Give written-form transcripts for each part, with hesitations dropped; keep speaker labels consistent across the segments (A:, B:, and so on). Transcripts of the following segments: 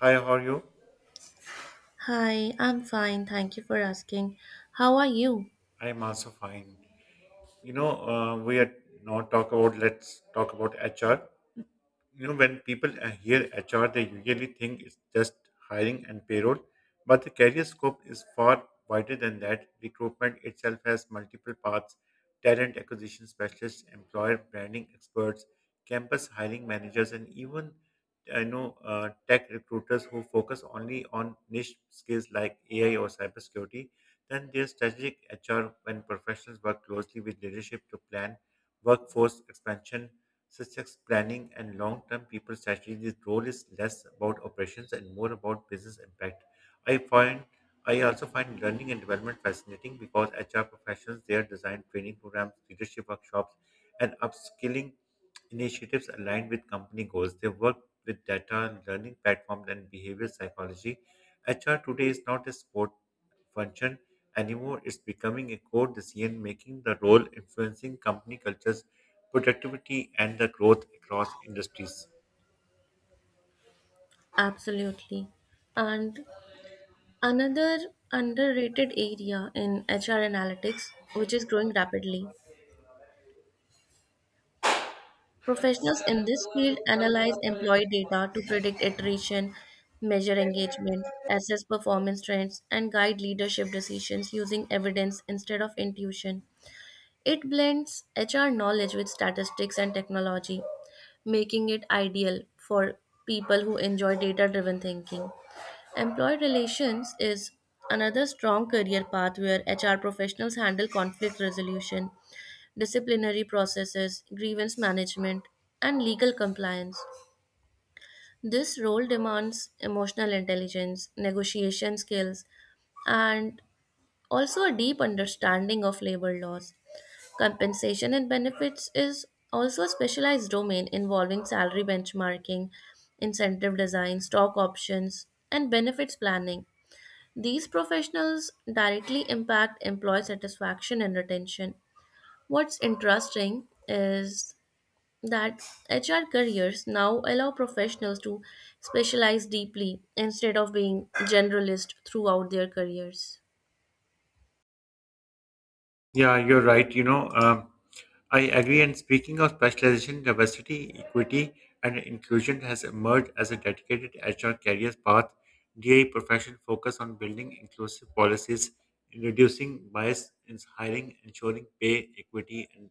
A: Hi, how are you?
B: Hi, I'm fine. Thank you for asking. How are you?
A: I'm also fine. We are not talk about. Let's talk about HR. You know when people hear HR, they usually think it's just hiring and payroll, but the career scope is far wider than that. Recruitment itself has multiple paths: talent acquisition specialists, employer branding experts, campus hiring managers, and even I know tech recruiters who focus only on niche skills like AI or cybersecurity. Then there's strategic HR when professionals work closely with leadership to plan workforce expansion success planning, and long term people strategy, this role is less about operations and more about business impact. I find I also find learning and development fascinating because HR professionals, their design training programs, leadership workshops, and upskilling initiatives aligned with company goals. They work with data, learning platforms, and behavioral psychology. HR today is not a sport function anymore. It's becoming a core decision making the role, influencing company cultures productivity and the growth across industries.
B: Absolutely. And another underrated area in HR analytics, which is growing rapidly. Professionals in this field analyze employee data to predict attrition, measure engagement, assess performance trends, and guide leadership decisions using evidence instead of intuition. It blends HR knowledge with statistics and technology, making it ideal for people who enjoy data driven thinking. Employee relations is another strong career path where HR professionals handle conflict resolution, disciplinary processes, grievance management, and legal compliance. This role demands emotional intelligence, negotiation skills, and also a deep understanding of labor laws. Compensation and benefits is also a specialized domain involving salary benchmarking, incentive design, stock options, and benefits planning. These professionals directly impact employee satisfaction and retention. What's interesting is that HR careers now allow professionals to specialize deeply instead of being generalist throughout their careers.
A: Yeah, you're right. I agree. And speaking of specialization, diversity, equity, and inclusion has emerged as a dedicated HR careers path. DI profession focus on building inclusive policies, reducing bias in hiring, ensuring pay equity, and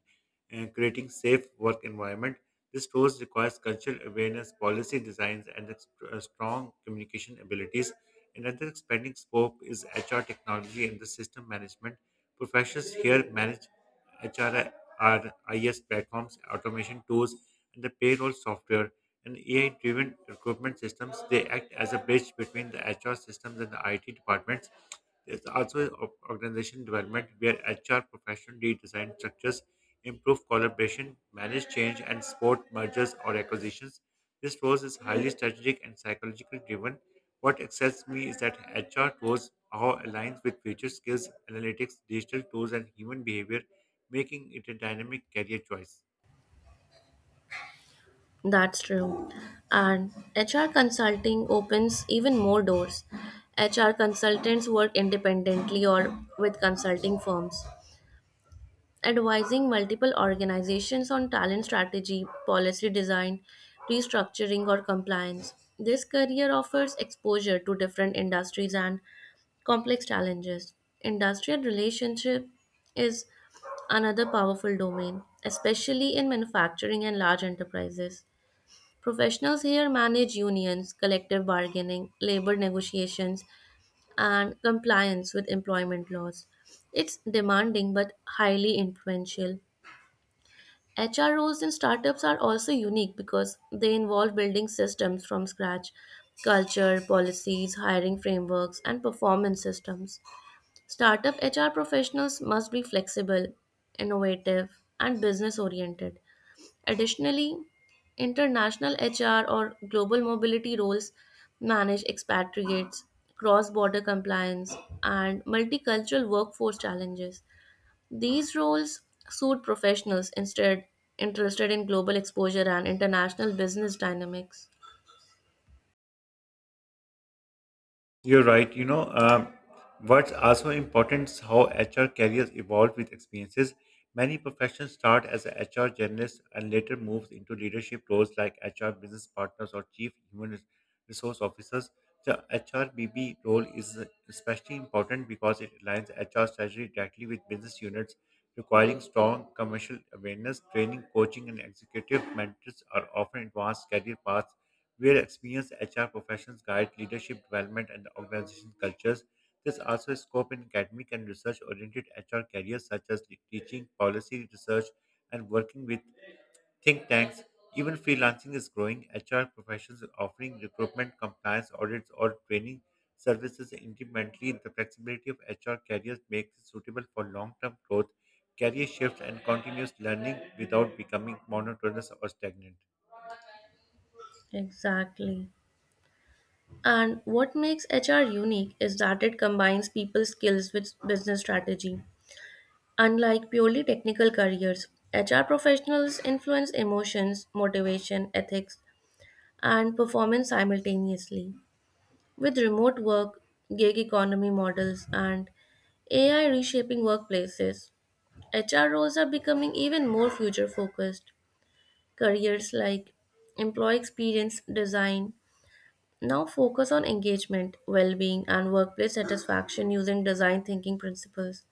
A: creating safe work environment. This tools requires cultural awareness, policy designs, and strong communication abilities. Another expanding scope is HR technology and the system management. Professionals here manage HR platforms, automation tools, and the payroll software and AI-driven recruitment systems. They act as a bridge between the HR systems and the IT departments. There's also organization development where HR professionals redesign structures improve collaboration, manage change, and support mergers or acquisitions. This role is highly strategic and psychologically driven. What excites me is that HR roles how aligns with future skills, analytics, digital tools, and human behavior, making it a dynamic career choice.
B: That's true. And HR consulting opens even more doors. HR consultants work independently or with consulting firms, advising multiple organizations on talent strategy, policy design, restructuring, or compliance. This career offers exposure to different industries and complex challenges. Industrial relationship is another powerful domain, especially in manufacturing and large enterprises. Professionals here manage unions, collective bargaining, labor negotiations, and compliance with employment laws. It's demanding but highly influential. HR roles in startups are also unique because they involve building systems from scratch, culture, policies, hiring frameworks, and performance systems. Startup HR professionals must be flexible, innovative, and business oriented. Additionally, international HR or global mobility roles manage expatriates, cross border compliance, and multicultural workforce challenges. These roles suit professionals instead interested in global exposure and international business dynamics.
A: You're right. What's also important is how HR careers evolve with experiences. Many professions start as a HR journalist and later moves into leadership roles like HR business partners or chief resource officers. The HRBB role is especially important because it aligns HR strategy directly with business units, requiring strong commercial awareness. Training, coaching, and executive mentors are often advanced career paths where experienced HR professionals guide leadership development and organization cultures. There's also a scope in academic and research oriented HR careers such as teaching, policy research, and working with think tanks. Even freelancing is growing. HR professions are offering recruitment, compliance, audits, or training services independently. The flexibility of HR careers makes it suitable for long term growth, career shifts, and continuous learning without becoming monotonous or stagnant.
B: Exactly. And what makes HR unique is that it combines people skills with business strategy. Unlike purely technical careers, HR professionals influence emotions, motivation, ethics, and performance simultaneously. With remote work, gig economy models, and AI reshaping workplaces, HR roles are becoming even more future focused. Careers like employee experience design now focus on engagement, well being, and workplace satisfaction using design thinking principles.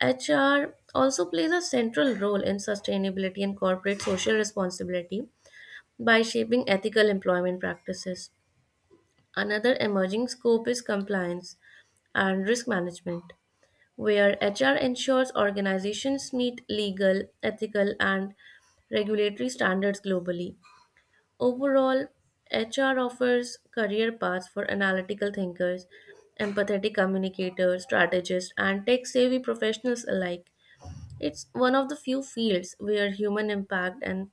B: HR also plays a central role in sustainability and corporate social responsibility by shaping ethical employment practices. Another emerging scope is compliance and risk management, where HR ensures organizations meet legal, ethical, and regulatory standards globally. Overall, HR offers career paths for analytical thinkers, empathetic communicators, strategists, and tech savvy professionals alike. It's one of the few fields where human impact and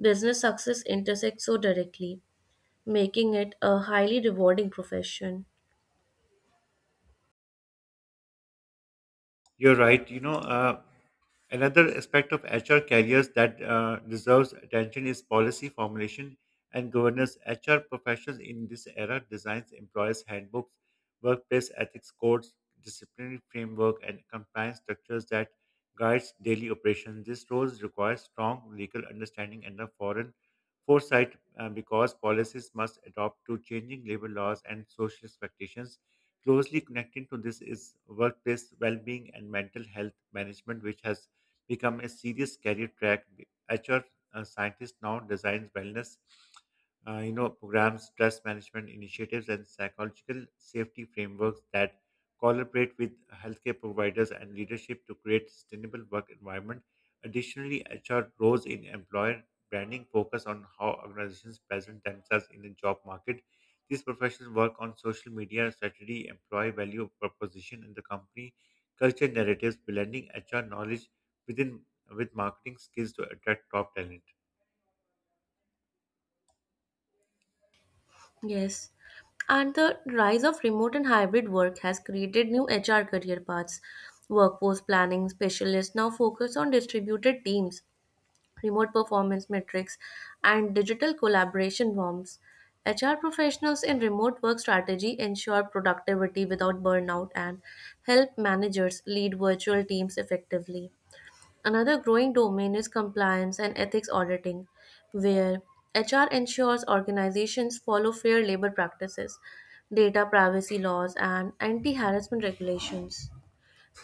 B: business success intersect so directly, making it a highly rewarding profession.
A: You're right. Another aspect of HR careers that deserves attention is policy formulation and governance. HR professionals in this era designs employers' handbooks, workplace ethics codes, disciplinary framework, and compliance structures that guides daily operations. These roles require strong legal understanding and a foreign foresight because policies must adapt to changing labor laws and social expectations. Closely connected to this is workplace well-being and mental health management, which has become a serious career track. HR scientists now designs wellness, programs, stress management initiatives, and psychological safety frameworks that collaborate with healthcare providers and leadership to create sustainable work environment. Additionally, HR roles in employer branding focus on how organizations present themselves in the job market these professionals work on social media strategy, employee value proposition, and the company culture narratives, blending HR knowledge within with marketing skills to attract top talent.
B: Yes. And the rise of remote and hybrid work has created new HR career paths. Workforce planning specialists now focus on distributed teams, remote performance metrics, and digital collaboration norms. HR professionals in remote work strategy ensure productivity without burnout and help managers lead virtual teams effectively. Another growing domain is compliance and ethics auditing, where HR ensures organizations follow fair labor practices, data privacy laws, and anti harassment regulations.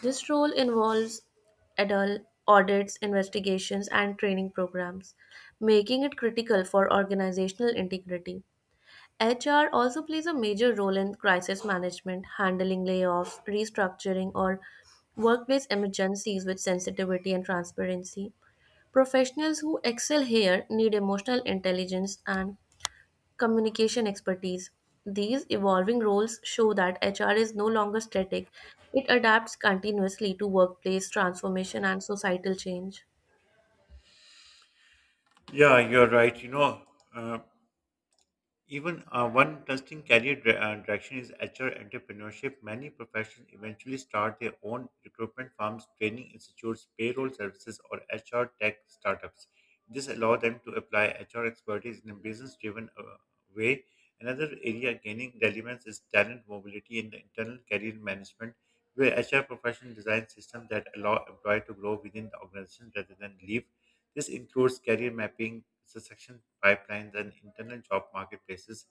B: This role involves adult audits, investigations, and training programs, making it critical for organizational integrity. HR also plays a major role in crisis management, handling layoffs, restructuring, or workplace emergencies with sensitivity and transparency. Professionals who excel here need emotional intelligence and communication expertise. These evolving roles show that HR is no longer static, it adapts continuously to workplace transformation and societal change.
A: Yeah, you're right. Uh, Even one interesting career direction is HR entrepreneurship. Many professions eventually start their own recruitment firms, training institutes, payroll services, or HR tech startups. This allows them to apply HR expertise in a business driven way. Another area gaining relevance is talent mobility in the internal career management, where HR professionals design systems that allow employees to grow within the organization rather than leave. This includes career mapping, succession pipelines, and internal job marketplaces.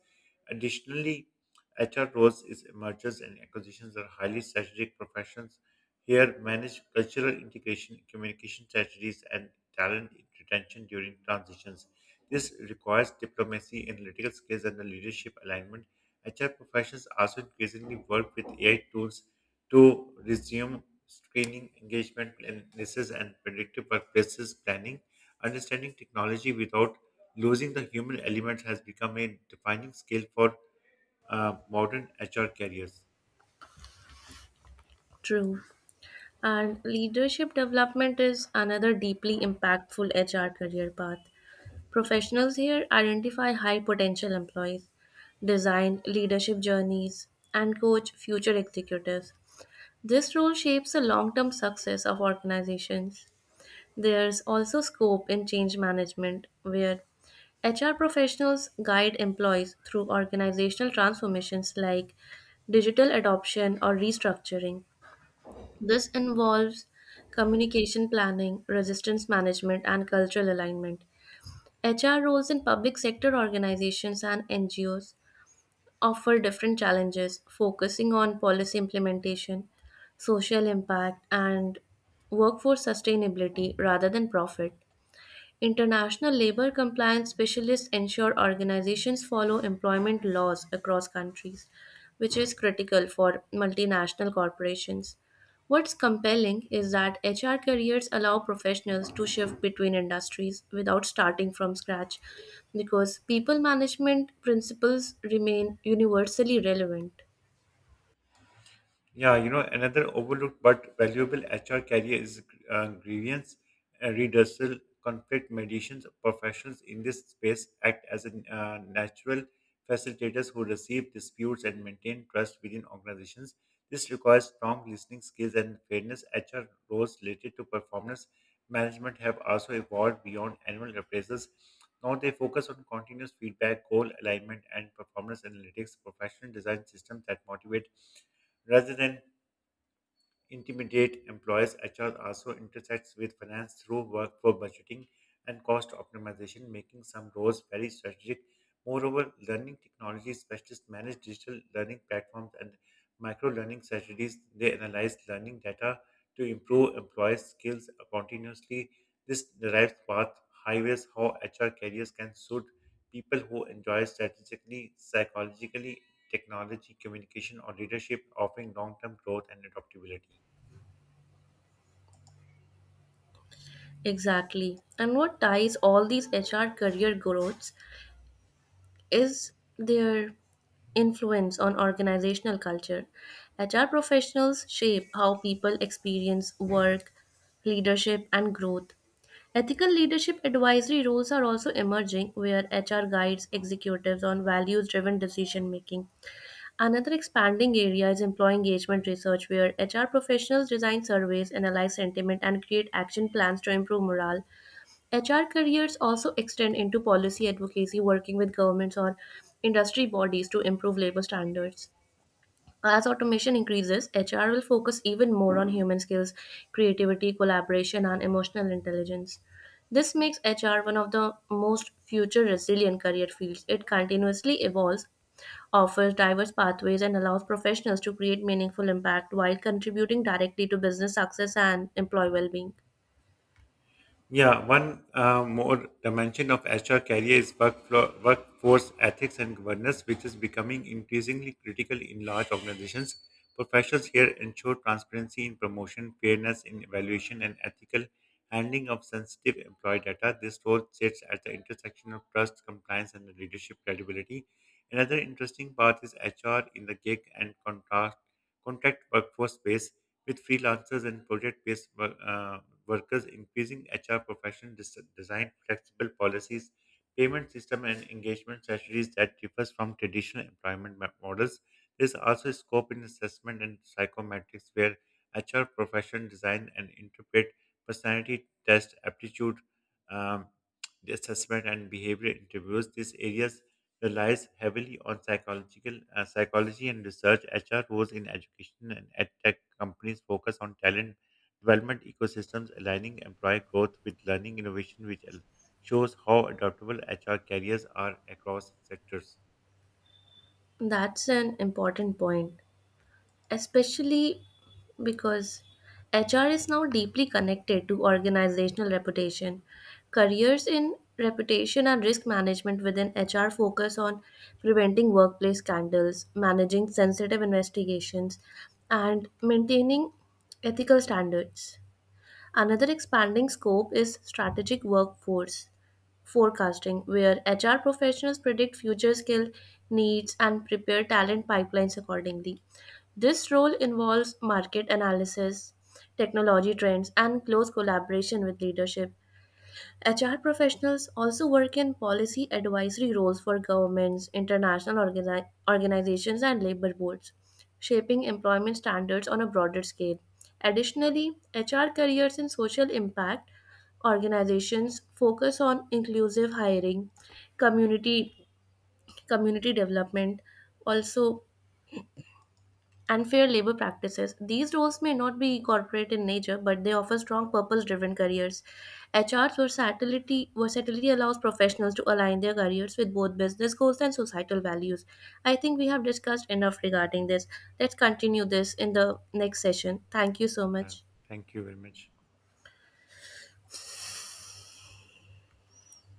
A: Additionally, HR roles is mergers and acquisitions are highly strategic professions. Here, manage cultural integration, communication strategies, and talent retention during transitions. This requires diplomacy, analytical skills, and a leadership alignment. HR professions also increasingly work with AI tools to resume screening, engagement analysis, and predictive workplaces planning. Understanding technology without losing the human element has become a defining skill for modern HR careers.
B: True. And leadership development is another deeply impactful HR career path. Professionals here identify high potential employees, design leadership journeys, and coach future executives. This role shapes the long term success of organizations. There's also scope in change management, where HR professionals guide employees through organizational transformations like digital adoption or restructuring. This involves communication planning, resistance management, and cultural alignment. HR roles in public sector organizations and NGOs offer different challenges, focusing on policy implementation, social impact, and workforce sustainability rather than profit. International labor compliance specialists ensure organizations follow employment laws across countries, which is critical for multinational corporations. What's compelling is that HR careers allow professionals to shift between industries without starting from scratch because people management principles remain universally relevant.
A: Yeah, you know, another overlooked but valuable HR career is grievance redressal, conflict mediations. Professionals in this space act as a natural facilitators who receive disputes and maintain trust within organizations. This requires strong listening skills and fairness. HR roles related to performance management have also evolved beyond annual appraisals. Now they focus on continuous feedback, goal alignment, and performance analytics, professional design systems that motivate rather than intimidate employees, HR also intersects with finance through workforce budgeting and cost optimization, making some roles very strategic. Moreover, learning technology specialists manage digital learning platforms and micro learning strategies. They analyze learning data to improve employees' skills continuously. This derives path highways how HR careers can suit people who enjoy strategically, psychologically, technology, communication, or leadership, offering long term growth and adaptability.
B: Exactly. And what ties all these HR career growths is their influence on organizational culture. HR professionals shape how people experience work, leadership, and growth. Ethical leadership advisory roles are also emerging, where HR guides executives on values driven decision making. Another expanding area is employee engagement research, where HR professionals design surveys, analyze sentiment, and create action plans to improve morale. HR careers also extend into policy advocacy, working with governments or industry bodies to improve labor standards. As automation increases, HR will focus even more on human skills, creativity, collaboration, and emotional intelligence. This makes HR one of the most future resilient career fields. It continuously evolves, offers diverse pathways, and allows professionals to create meaningful impact while contributing directly to business success and employee well being.
A: Yeah, one more dimension of HR career is workforce ethics and governance, which is becoming increasingly critical in large organizations. Professionals here ensure transparency in promotion, fairness in evaluation, and ethical handling of sensitive employee data. This role sits at the intersection of trust, compliance, and leadership credibility. Another interesting part is HR in the gig and contract workforce space with freelancers and project-based workers, increasing HR professional design, flexible policies, payment system, and engagement strategies that differs from traditional employment models. There's also scope in assessment and psychometrics where HR professional design and interpret personality test, aptitude, um, assessment, and behavior interviews. These areas relies heavily on psychological psychology and research. HR roles in education and edtech companies focus on talent development ecosystems, aligning employee growth with learning innovation, shows how adaptable HR careers are across sectors.
B: That's an important point, especially because HR is now deeply connected to organizational reputation. Careers in reputation and risk management within HR focus on preventing workplace scandals, managing sensitive investigations, and maintaining ethical standards. Another expanding scope is strategic workforce forecasting, where HR professionals predict future skill needs and prepare talent pipelines accordingly. This role involves market analysis, technology trends, and close collaboration with leadership. HR professionals also work in policy advisory roles for governments, international organizations, and labor boards, shaping employment standards on a broader scale. Additionally, HR careers in social impact organizations focus on inclusive hiring, community community development, also and fair labor practices. These roles may not be corporate in nature, but they offer strong purpose driven careers. HR's versatility allows professionals to align their careers with both business goals and societal values. I think we have discussed enough regarding this. Let's continue this in the next session. Thank you so
A: Uh,
B: much.
A: thank you very much.